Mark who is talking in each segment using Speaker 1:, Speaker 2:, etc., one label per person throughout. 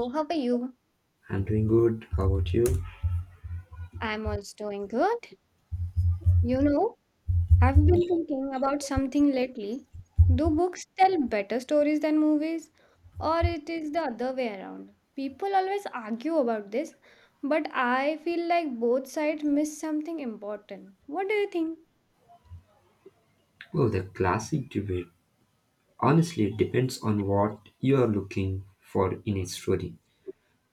Speaker 1: So, how are you?
Speaker 2: I'm doing good. How about you?
Speaker 1: I'm also doing good. You know, I've been thinking about something lately. Do books tell better stories than movies? Or it is the other way around? People always argue about this, but I feel like both sides miss something important. What do you think?
Speaker 2: Well, the classic debate. Honestly, it depends on what you are looking for in a story.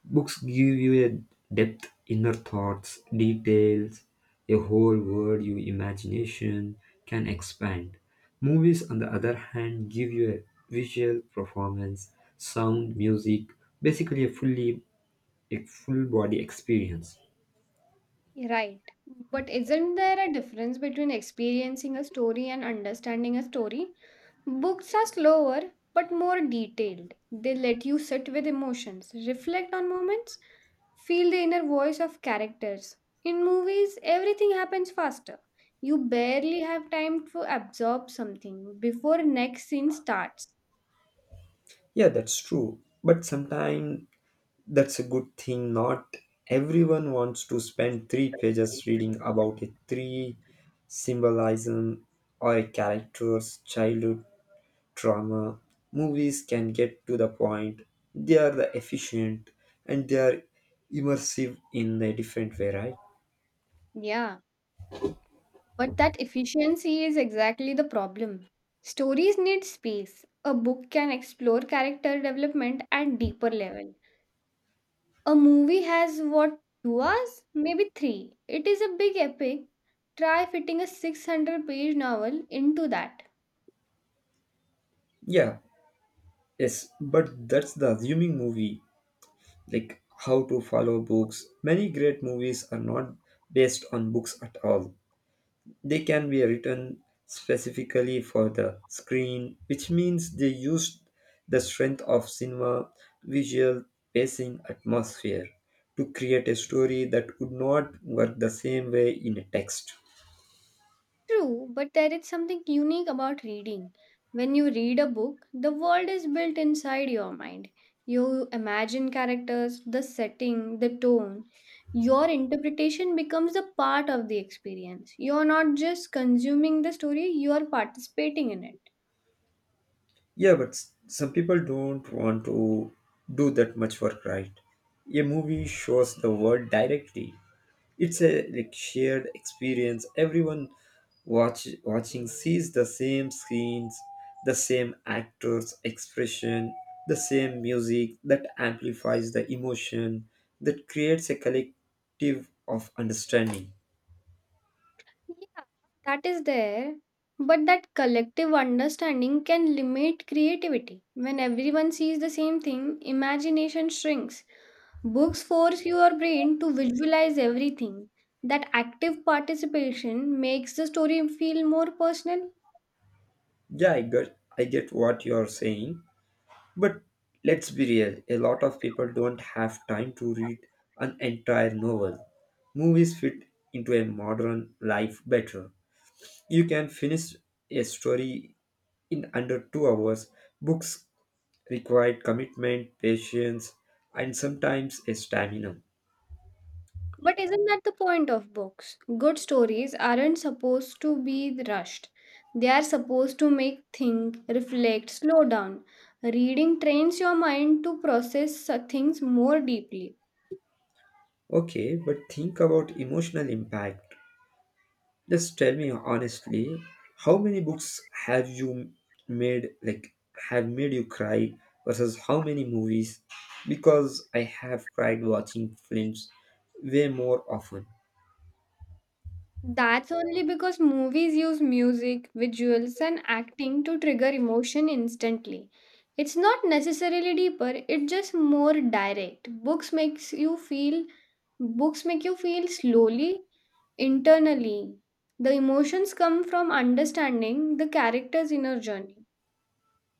Speaker 2: Books give you a depth, inner thoughts, details, a whole world your imagination can expand. Movies, on the other hand, give you a visual performance, sound, music, basically a full body experience.
Speaker 1: Right. But isn't there a difference between experiencing a story and understanding a story? Books are slower but more detailed. They let you sit with emotions, reflect on moments, feel the inner voice of characters. In movies, everything happens faster. You barely have time to absorb something before next scene starts.
Speaker 2: Yeah, that's true. But sometimes that's a good thing. Not everyone wants to spend three pages reading about a three symbolism or a character's childhood trauma. Movies can get to the point. They are the efficient and they are immersive in a different way, right?
Speaker 1: Yeah, but that efficiency is exactly the problem. Stories need space. A book can explore character development at deeper level. A movie has what, 2 hours, maybe three. It is a big epic. Try fitting a 600-page novel into that.
Speaker 2: Yeah, yes, but that's the assuming movie, like how to follow books. Many great movies are not based on books at all. They can be written specifically for the screen, which means they used the strength of cinema, visual, pacing, atmosphere to create a story that would not work the same way in a text.
Speaker 1: True, but there is something unique about reading. When you read a book, the world is built inside your mind. You imagine characters, the setting, the tone. Your interpretation becomes a part of the experience. You're not just consuming the story, you are participating in it.
Speaker 2: Yeah, but some people don't want to do that much work, right? A movie shows the world directly. It's a like shared experience. Everyone watching sees the same scenes, the same actors' expression, the same music that amplifies the emotion, that creates a collective of understanding.
Speaker 1: Yeah, that is there. But that collective understanding can limit creativity. When everyone sees the same thing, imagination shrinks. Books force your brain to visualize everything. That active participation makes the story feel more personal.
Speaker 2: Yeah, I get what you're saying, but let's be real. A lot of people don't have time to read an entire novel. Movies fit into a modern life better. You can finish a story in under 2 hours. Books require commitment, patience, and sometimes a stamina.
Speaker 1: But isn't that the point of books? Good stories aren't supposed to be rushed. They are supposed to make think, reflect, slow down. Reading trains your mind to process things more deeply.
Speaker 2: Okay, but think about emotional impact. Just tell me honestly, how many books made like have made you cry versus how many movies? Because I have cried watching films way more often.
Speaker 1: That's only because movies use music, visuals, and acting to trigger emotion instantly. It's not necessarily deeper, it's just more direct. Books make you feel slowly, internally. The emotions come from understanding the character's inner journey.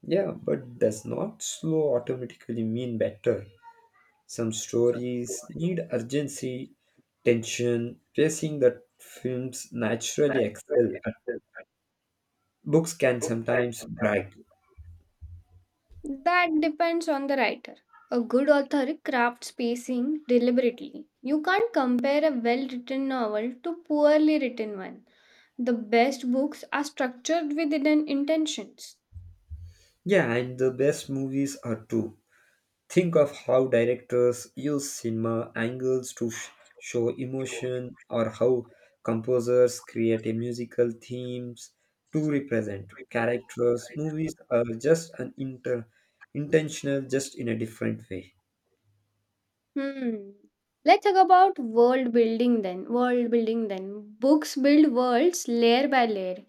Speaker 2: Yeah, but does not slow automatically mean better. Some stories need urgency, tension, pacing that films naturally excel at. Books can sometimes drag.
Speaker 1: That depends on the writer. A good author crafts pacing deliberately. You can't compare a well written novel to poorly written one. The best books are structured with hidden intentions.
Speaker 2: Yeah, and the best movies are too. Think of how directors use cinema angles to show emotion, or how composers create a musical themes to represent characters. Movies are just an inter intentional, just in a different way.
Speaker 1: Hmm. Let's talk about world building then. Books build worlds layer by layer.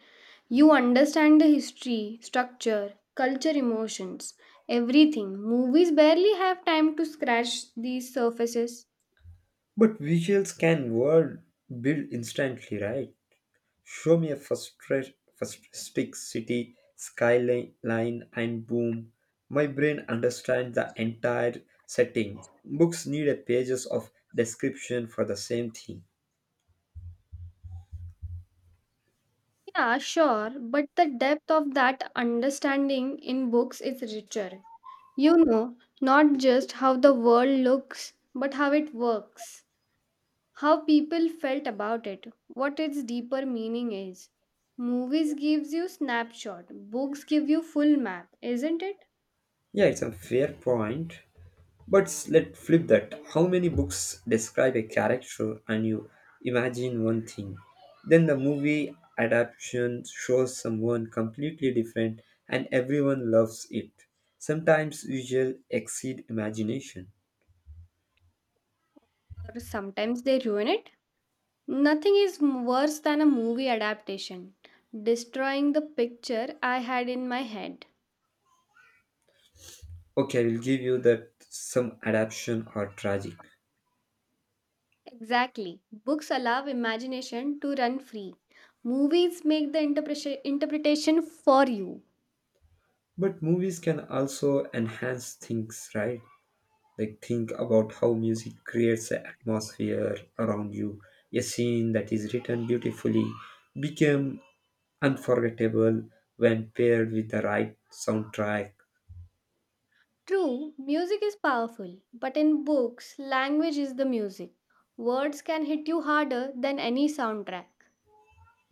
Speaker 1: You understand the history, structure, culture, emotions, everything. Movies barely have time to scratch these surfaces.
Speaker 2: But visuals can world build instantly, right? Show me a futuristic city skyline and boom, my brain understands the entire setting. Books need a pages of description for the same thing.
Speaker 1: Yeah, sure, but the depth of that understanding in books is richer. You know, not just how the world looks, but how it works, how people felt about it, what its deeper meaning is. Movies gives you snapshot, books give you full map, isn't it?
Speaker 2: Yeah, it's a fair point. But let's flip that. How many books describe a character and you imagine one thing? Then the movie adaptation shows someone completely different and everyone loves it. Sometimes visual exceed imagination.
Speaker 1: Or sometimes they ruin it. Nothing is worse than a movie adaptation, destroying the picture I had in my head.
Speaker 2: Okay, I will give you that some adaptation are tragic.
Speaker 1: Exactly. Books allow imagination to run free. Movies make the interpretation for you.
Speaker 2: But movies can also enhance things, right? Like think about how music creates the atmosphere around you. A scene that is written beautifully became unforgettable when paired with the right soundtrack.
Speaker 1: True, music is powerful, but in books, language is the music. Words can hit you harder than any soundtrack.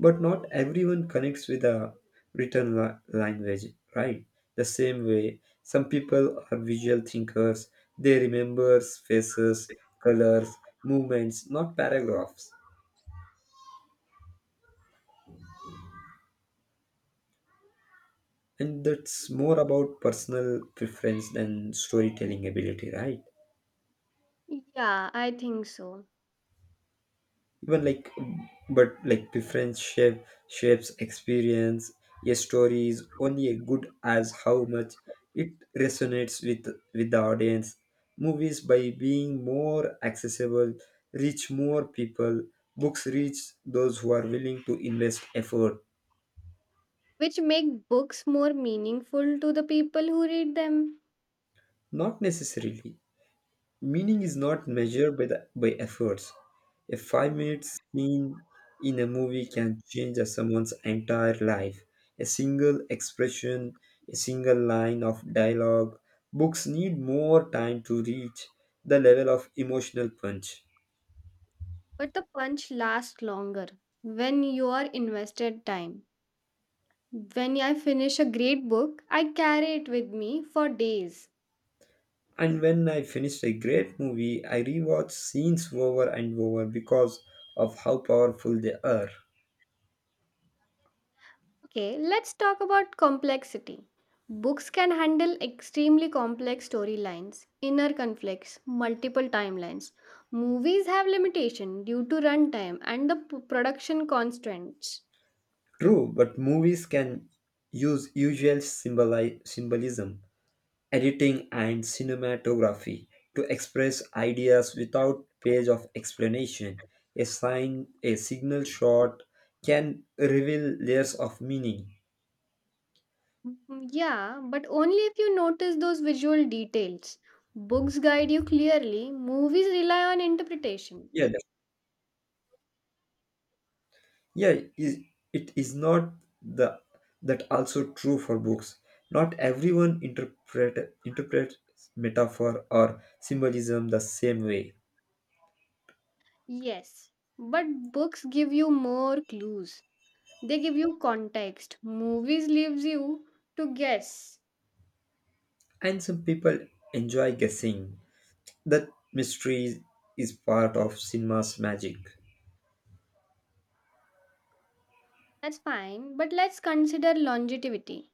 Speaker 2: But not everyone connects with the written language, right? The same way, some people are visual thinkers. They remember faces, colors, movements, not paragraphs. And that's more about personal preference than storytelling ability, right?
Speaker 1: Yeah, I think so.
Speaker 2: Even like, but like, preference shapes experience. A story is only as good as how much it resonates with the audience. Movies, by being more accessible, reach more people. Books reach those who are willing to invest effort.
Speaker 1: Which make books more meaningful to the people who read them.
Speaker 2: Not necessarily. Meaning is not measured by efforts. A 5-minute scene in a movie can change a someone's entire life. A single expression, a single line of dialogue. Books need more time to reach the level of emotional punch.
Speaker 1: But the punch lasts longer when you are invested time. When I finish a great book, I carry it with me for days.
Speaker 2: And when I finished a great movie, I rewatch scenes over and over because of how powerful they are.
Speaker 1: Okay, let's talk about complexity. Books can handle extremely complex storylines, inner conflicts, multiple timelines. Movies have limitation due to runtime and the production constraints.
Speaker 2: True, but movies can use usual symbolism, editing, and cinematography to express ideas without page of explanation. A sign, a signal shot can reveal layers of meaning.
Speaker 1: Mm, yeah, but only if you notice those visual details. Books guide you clearly, movies rely on interpretation.
Speaker 2: Yeah, yeah, it is not the that also true for books. Not everyone interprets metaphor or symbolism the same way,
Speaker 1: Yes, but books give you more clues. They give you context. Movies leaves you to guess.
Speaker 2: and some people enjoy guessing. That mystery is part of cinema's magic.
Speaker 1: That's fine, but let's consider longevity.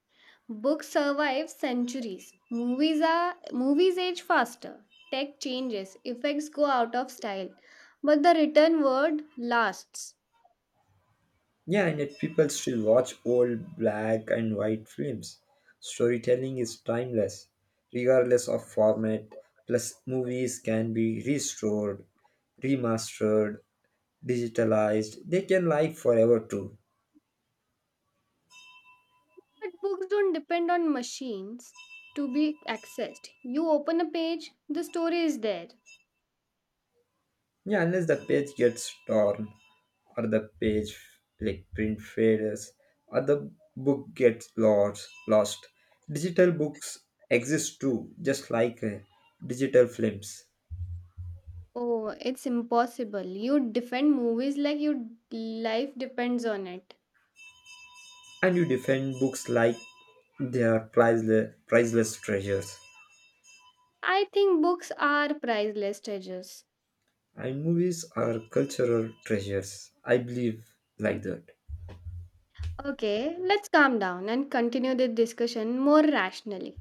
Speaker 1: Books survive centuries. Movies age faster. Tech changes, effects go out of style, but the written word lasts.
Speaker 2: Yeah, and yet people still watch old black and white films. Storytelling is timeless, regardless of format. Plus, movies can be restored, remastered, digitalized. They can live forever too.
Speaker 1: But books don't depend on machines to be accessed. You open a page, the story is there.
Speaker 2: Yeah, unless the page gets torn, or the page like print fades, or the book gets lost. Digital books exist too, just like digital films.
Speaker 1: Oh, it's impossible. You defend movies like your life depends on it.
Speaker 2: And you defend books like they are priceless, priceless treasures.
Speaker 1: I think books are priceless treasures.
Speaker 2: And movies are cultural treasures. I believe like that.
Speaker 1: Okay, let's calm down and continue the discussion more rationally.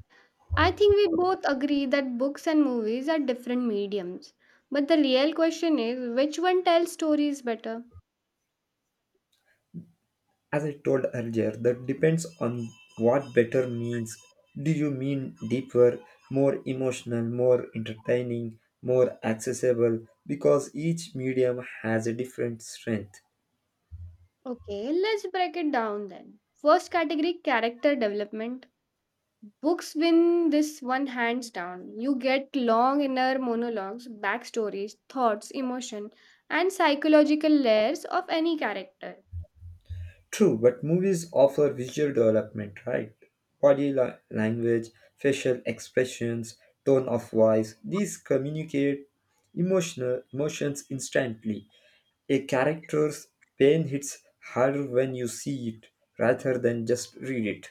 Speaker 1: I think we both agree that books and movies are different mediums. But the real question is, which one tells stories better?
Speaker 2: As I told earlier, that depends on what better means. Do you mean deeper, more emotional, more entertaining, more accessible? Because each medium has a different strength.
Speaker 1: Okay, let's break it down then. First category, character development. Books win this one hands down. You get long inner monologues, backstories, thoughts, emotion, and psychological layers of any character.
Speaker 2: True, but movies offer visual development, right? Body language, facial expressions, tone of voice, these communicate emotional emotions instantly. A character's pain hits harder when you see it rather than just read it.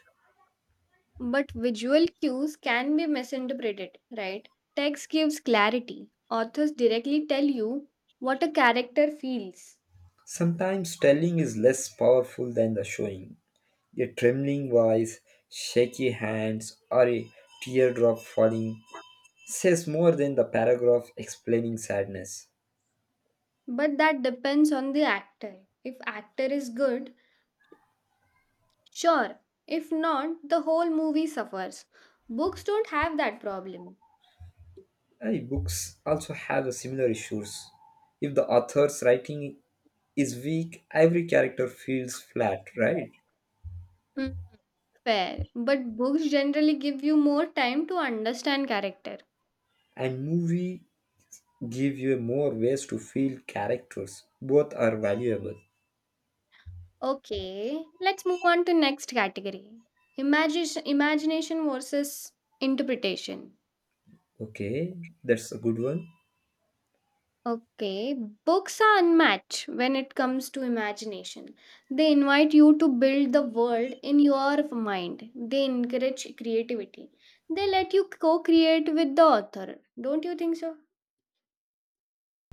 Speaker 1: But visual cues can be misinterpreted, right? Text gives clarity. Authors directly tell you what a character feels.
Speaker 2: Sometimes telling is less powerful than the showing. A trembling voice, shaky hands, or a teardrop falling says more than the paragraph explaining sadness.
Speaker 1: But that depends on the actor. If actor is good, sure. If not, the whole movie suffers. Books don't have that problem.
Speaker 2: Books also have the similar issues. If the author's writing is weak, every character feels flat, right?
Speaker 1: Mm, fair, but books generally give you more time to understand character.
Speaker 2: And movie give you more ways to feel characters. Both are valuable.
Speaker 1: Okay, let's move on to next category. Imagine Imagination versus interpretation.
Speaker 2: Okay, that's a good one.
Speaker 1: Okay, books are unmatched when it comes to imagination. They invite you to build the world in your mind. They encourage creativity. They let you co create with the author. Don't you think so?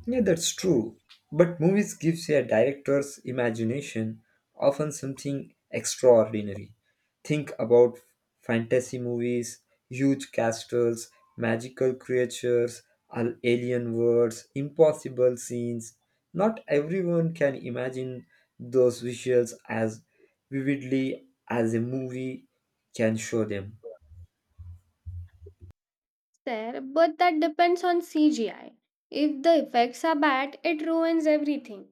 Speaker 2: Yeah, that's true. But movies gives a director's imagination often something extraordinary. Think about fantasy movies, huge castles, magical creatures, alien worlds, impossible scenes. Not everyone can imagine those visuals as vividly as a movie can show them.
Speaker 1: There, but that depends on CGI. If the effects are bad, it ruins everything.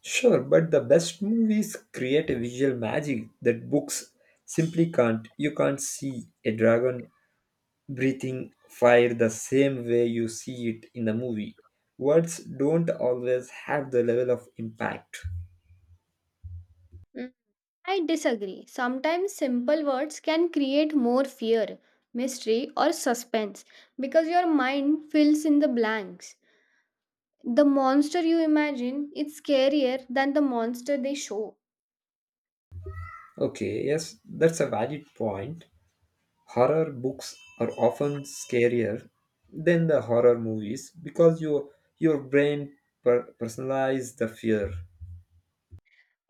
Speaker 2: Sure, but the best movies create a visual magic that books simply can't. You can't see a dragon breathing fire the same way you see it in the movie. Words don't always have the level of impact.
Speaker 1: Mm, I disagree. Sometimes simple words can create more fear, mystery, or suspense because your mind fills in the blanks. The monster you imagine is scarier than the monster they show.
Speaker 2: Okay, yes, that's a valid point. Horror books are often scarier than the horror movies because your brain personalizes the fear.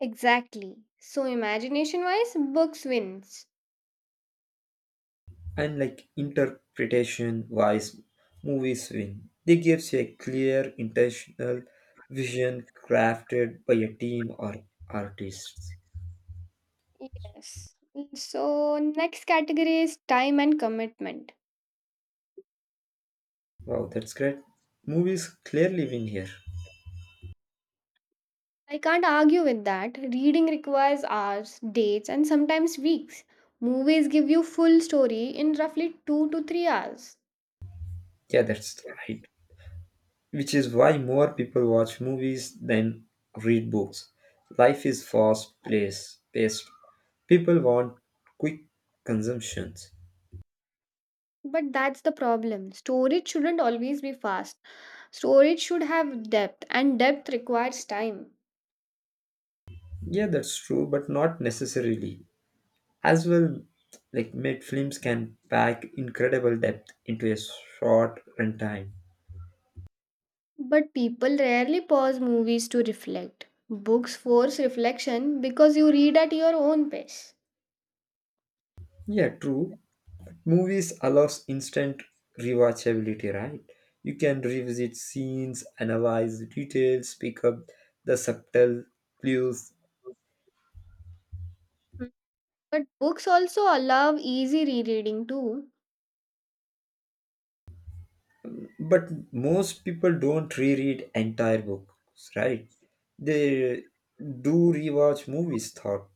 Speaker 1: Exactly. So imagination wise, books wins.
Speaker 2: And like, interpretation wise, movies win. They gives a clear intentional vision crafted by a team or artists.
Speaker 1: Yes. So next category is time and commitment.
Speaker 2: Wow, that's great. Movies clearly win here.
Speaker 1: I can't argue with that. Reading requires hours, dates, and sometimes weeks. Movies give you full story in roughly 2 to 3 hours.
Speaker 2: Yeah, that's right, which is why more people watch movies than read books. Life is fast place paced. People want quick consumptions.
Speaker 1: But that's the problem. Storage shouldn't always be fast. Storage should have depth and depth requires time.
Speaker 2: Yeah, that's true, but not necessarily. As well, like made films can pack incredible depth into a short runtime.
Speaker 1: But people rarely pause movies to reflect. Books force reflection because you read at your own pace.
Speaker 2: Yeah, true. Movies allows instant rewatchability, right? You can revisit scenes, analyze details, pick up the subtle clues.
Speaker 1: Mm, but books also allow easy rereading too.
Speaker 2: But most people don't reread entire books, right? They do rewatch movies thought.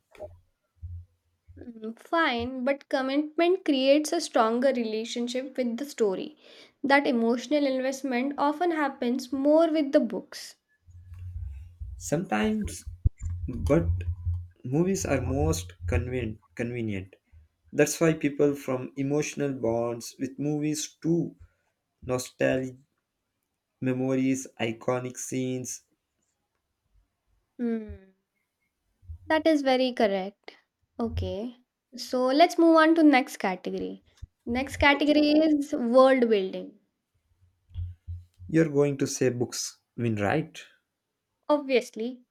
Speaker 1: Mm, fine, but commitment creates a stronger relationship with the story. That emotional investment often happens more with the books.
Speaker 2: Sometimes, but movies are most convenient. That's why people from emotional bonds with movies too, nostalgic memories, iconic scenes.
Speaker 1: Hmm. That is very correct. Okay. So let's move on to next category. Next category is world building.
Speaker 2: You're going to say books win, right?
Speaker 1: Obviously.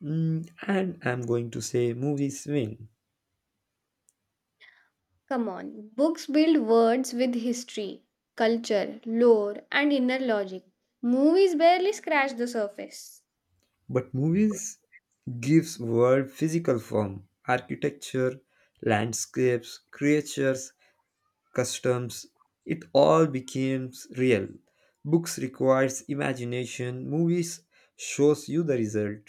Speaker 2: Mm, and I'm going to say movies win.
Speaker 1: Come on, books build words with history, culture, lore, and inner logic. Movies barely scratch the surface.
Speaker 2: But movies gives world physical form, architecture, landscapes, creatures, customs. It all becomes real. Books requires imagination. Movies shows you the result.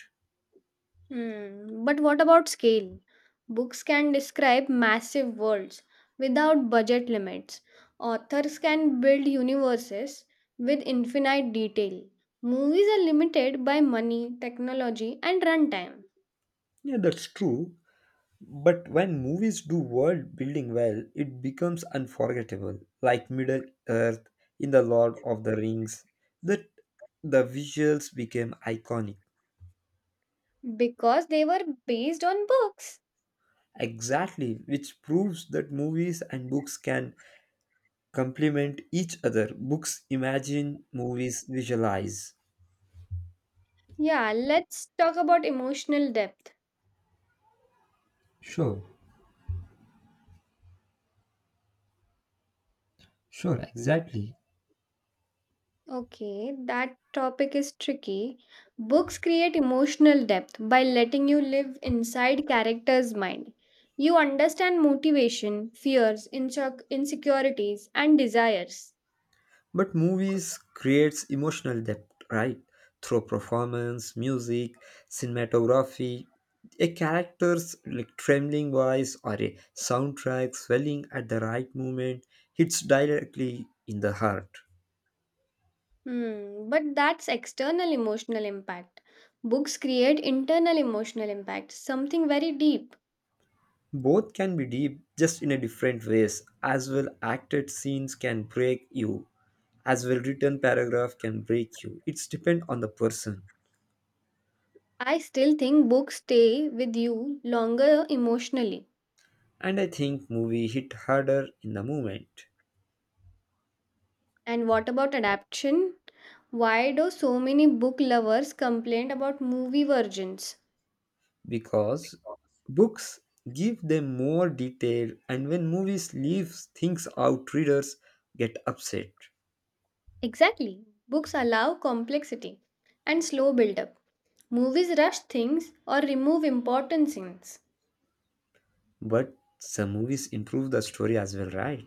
Speaker 1: Hmm, but what about scale? Books can describe massive worlds without budget limits. Authors can build universes with infinite detail. Movies are limited by money, technology, and runtime
Speaker 2: Yeah, that's true. But when movies do world building well, it becomes unforgettable, like Middle Earth in The Lord of the Rings, that the visuals became iconic.
Speaker 1: because they were based on books.
Speaker 2: Exactly, which proves that movies and books can complement each other. Books imagine, movies visualize.
Speaker 1: Yeah, let's talk about emotional depth.
Speaker 2: Sure, sure, exactly.
Speaker 1: Okay, that topic is tricky. Books create emotional depth by letting you live inside characters' mind. You understand motivation, fears, insecurities, and desires.
Speaker 2: But movies creates emotional depth, right? Through performance, music, cinematography, a character's like trembling voice or a soundtrack swelling at the right moment hits directly in the heart.
Speaker 1: Hmm, but that's external emotional impact. Books create internal emotional impact, something very deep.
Speaker 2: Both can be deep, just in a different ways. As well acted scenes can break you. As well written paragraph can break you. It's depend on the person.
Speaker 1: I still think books stay with you longer emotionally.
Speaker 2: And I think movie hit harder in the moment.
Speaker 1: And what about adaptation? Why do so many book lovers complain about movie versions?
Speaker 2: Because books give them more detail, and when movies leave things out, readers get upset.
Speaker 1: Exactly. Books allow complexity and slow build up. Movies rush things or remove important scenes.
Speaker 2: But some movies improve the story as well, right?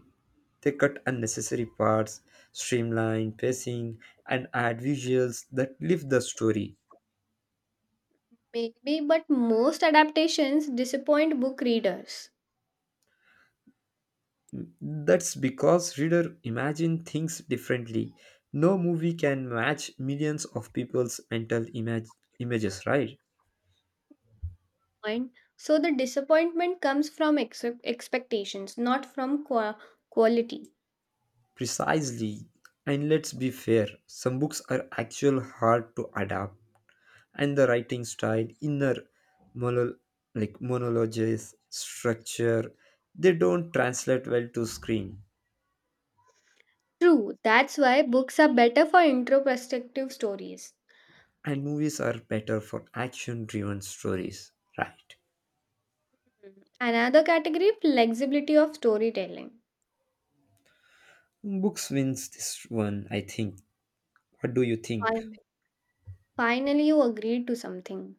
Speaker 2: They cut unnecessary parts, streamline pacing, and add visuals that lift the story.
Speaker 1: Maybe, but most adaptations disappoint book readers.
Speaker 2: That's because reader imagine things differently. No movie can match millions of people's mental images, right?
Speaker 1: And so the disappointment comes from expectations, not from quality.
Speaker 2: Precisely. And let's be fair, some books are actual hard to adapt, and the writing style, inner mono- like monologues, structure, they don't translate well to screen.
Speaker 1: True, that's why books are better for introspective stories.
Speaker 2: And movies are better for action-driven stories, right?
Speaker 1: Hmm. Another category, flexibility of storytelling.
Speaker 2: Books wins this one, I think. What do you think?
Speaker 1: Finally, you agreed to something.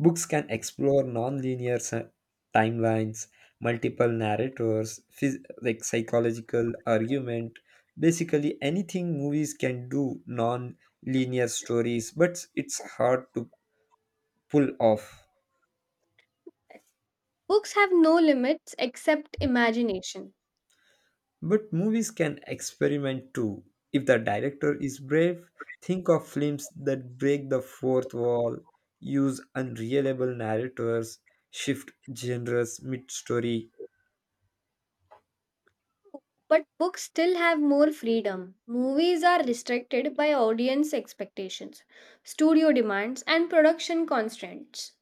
Speaker 2: Books can explore non-linear timelines, multiple narrators, like psychological argument, basically anything movies can do non-linear stories, but it's hard to pull off.
Speaker 1: Yes. Books have no limits except imagination.
Speaker 2: But movies can experiment too. If the director is brave, think of films that break the fourth wall, use unreliable narrators, shift genres mid-story.
Speaker 1: True. But books still have more freedom. Movies are restricted by audience expectations, studio demands, and production constraints.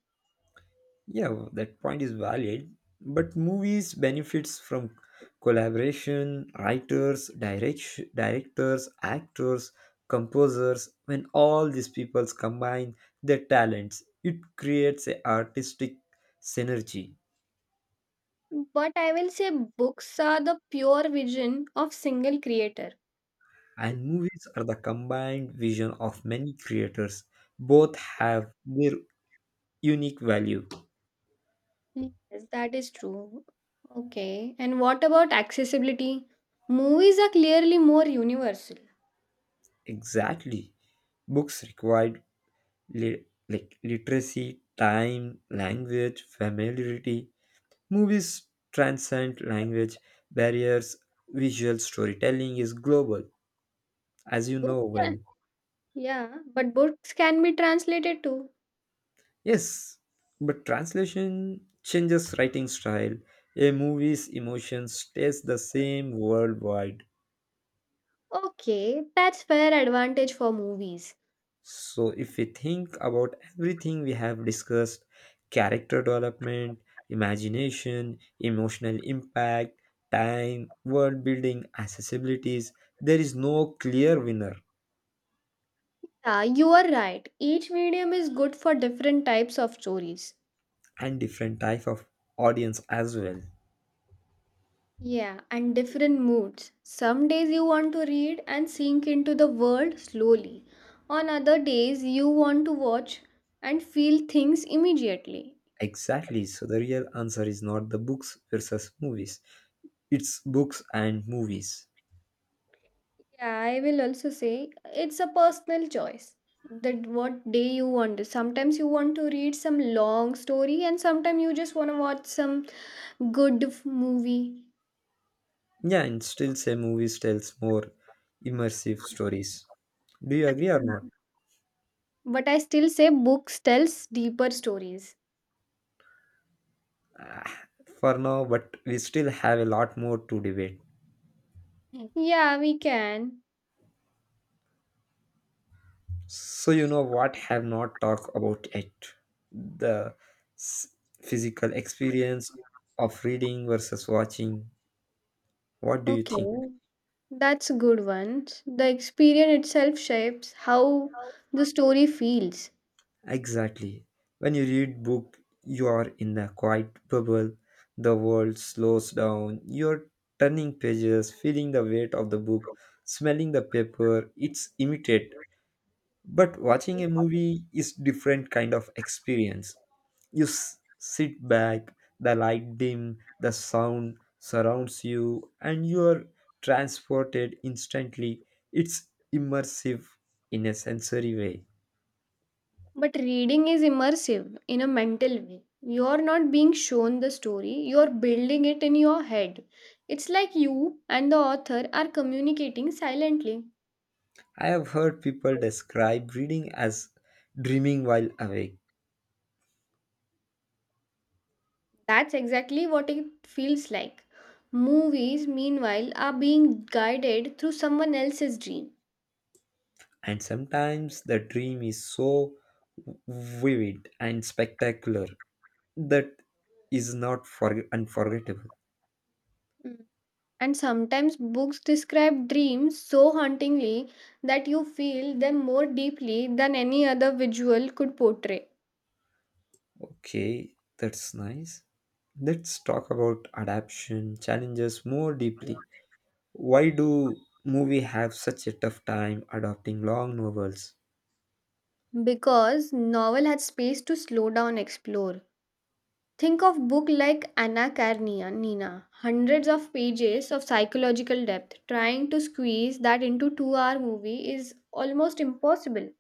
Speaker 2: Yeah, well, that point is valid. But movies benefits from collaboration, writers, directors, actors, composers. When all these peoples combine their talents, it creates a artistic synergy.
Speaker 1: But I will say books are the pure vision of single creator.
Speaker 2: And movies are the combined vision of many creators. Both have their unique value.
Speaker 1: Yes, that is true. Okay. And what about accessibility? Movies are clearly more universal.
Speaker 2: Exactly. Books required like literacy, time, language, familiarity. Movies transcend language barriers. Visual storytelling is global, as you know
Speaker 1: Books.
Speaker 2: well.
Speaker 1: Yeah, but books can be translated too.
Speaker 2: Yes, but translation changes writing style. A movie's emotion stays the same worldwide.
Speaker 1: Okay, that's fair advantage for movies.
Speaker 2: So, if we think about everything we have discussed, character development, imagination, emotional impact, time, world building, accessibilities, there is no clear winner.
Speaker 1: Yeah, you are right. Each medium is good for different types of stories.
Speaker 2: And different type of audience as well.
Speaker 1: Yeah, and different moods. Some days you want to read and sink into the world slowly. On other days, you want to watch and feel things immediately.
Speaker 2: Exactly. So, the real answer is not the books versus movies, it's books and movies.
Speaker 1: Yeah, I will also say it's a personal choice that what day you want. Sometimes you want to read some long story, and sometimes you just want to watch some good movie.
Speaker 2: Yeah, and still say movies tells more immersive stories. Do you agree or not?
Speaker 1: Mhm. But I still say books tells deeper stories.
Speaker 2: For now, but we still have a lot more to debate.
Speaker 1: Mm. Yeah, we can.
Speaker 2: So, you know what have not talked about yet? The s- physical experience of reading versus watching. What do you think?
Speaker 1: Okay, that's a good one. The experience itself shapes how the story feels.
Speaker 2: Exactly. When you read book, you are in a quiet bubble. The world slows down. You're turning pages, feeling the weight of the book, smelling the paper. It's immediate. But watching a movie is different kind of experience. You sit back, the light dim, the sound surrounds you, and you are transported instantly. It's immersive in a sensory way.
Speaker 1: But reading is immersive in a mental way. You're not being shown the story, you're building it in your head. It's like you and the author are communicating silently.
Speaker 2: I have heard people describe reading as dreaming while awake,
Speaker 1: That's exactly what it feels like. Movies, meanwhile, are being guided through someone else's dream.
Speaker 2: and sometimes the dream is so vivid and spectacular that is not unforgettable.
Speaker 1: Mm. And sometimes books describe dreams so hauntingly that you feel them more deeply than any other visual could portray.
Speaker 2: Okay, that's nice. Let's talk about adaptation challenges more deeply. Why do movie have such a tough time adapting long novels?
Speaker 1: Because novel had space to slow down, explore. Think of book like Anna Karenina, hundreds of pages of psychological depth. Trying to squeeze that into two-hour movie is almost impossible.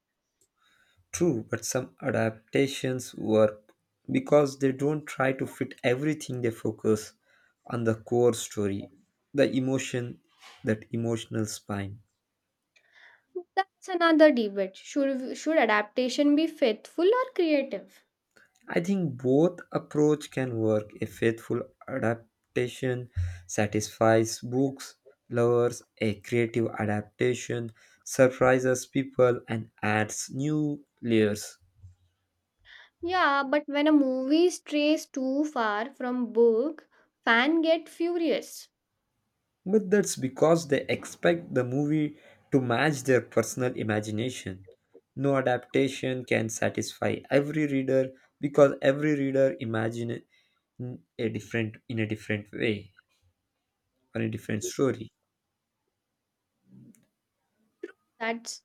Speaker 2: True, but some adaptations work because they don't try to fit everything. They focus on the core story, the emotion, that emotional spine.
Speaker 1: That's another debate. Should adaptation be faithful or creative?
Speaker 2: I think both approach can work. A faithful adaptation satisfies books lovers, a creative adaptation surprises people and adds new layers.
Speaker 1: Yeah, but when a movie strays too far from book, fan get furious.
Speaker 2: But that's because they expect the movie to match their personal imagination. No adaptation can satisfy every reader because every reader imagine it in a different way or a different story.
Speaker 1: That's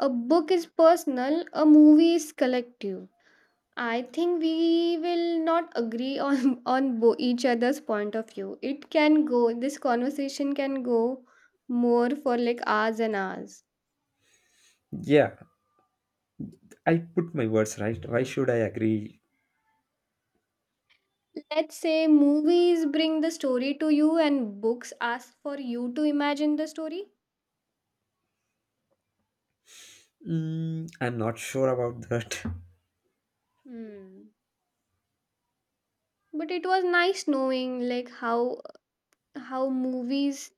Speaker 1: a book is personal, a movie is collective. I think we will not agree on on each other's point of view. It can go. This conversation can go more for like hours and hours.
Speaker 2: Yeah, I put my words right. Why should I agree?
Speaker 1: Let's say movies bring the story to you, and books ask for you to imagine the story.
Speaker 2: Mm, I'm not sure about that.
Speaker 1: Hmm. But it was nice knowing like how movies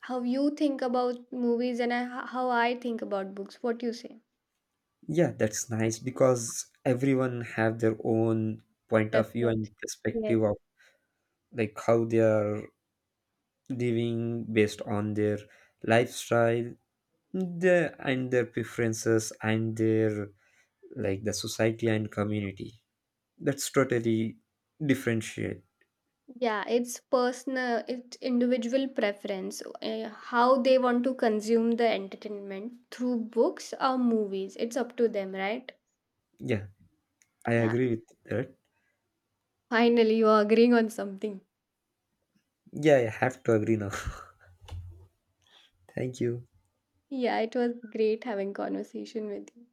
Speaker 1: how you think about movies and how I think about books. What you say?
Speaker 2: Yeah, that's nice because everyone have their own point of view
Speaker 1: Preference.
Speaker 2: and
Speaker 1: Yes.
Speaker 2: perspective of like how they are living based on their lifestyle, their preferences and their like the society and community. That's totally differentiate.
Speaker 1: Yeah, it's personal, it's individual preference, how they want to consume the entertainment through books or movies. It's up to them, right?
Speaker 2: Yeah, I
Speaker 1: Yeah,
Speaker 2: agree with that.
Speaker 1: finally, you're agreeing on something.
Speaker 2: Yeah, I have to agree now. Thank you.
Speaker 1: Yeah, it was great having conversation with you.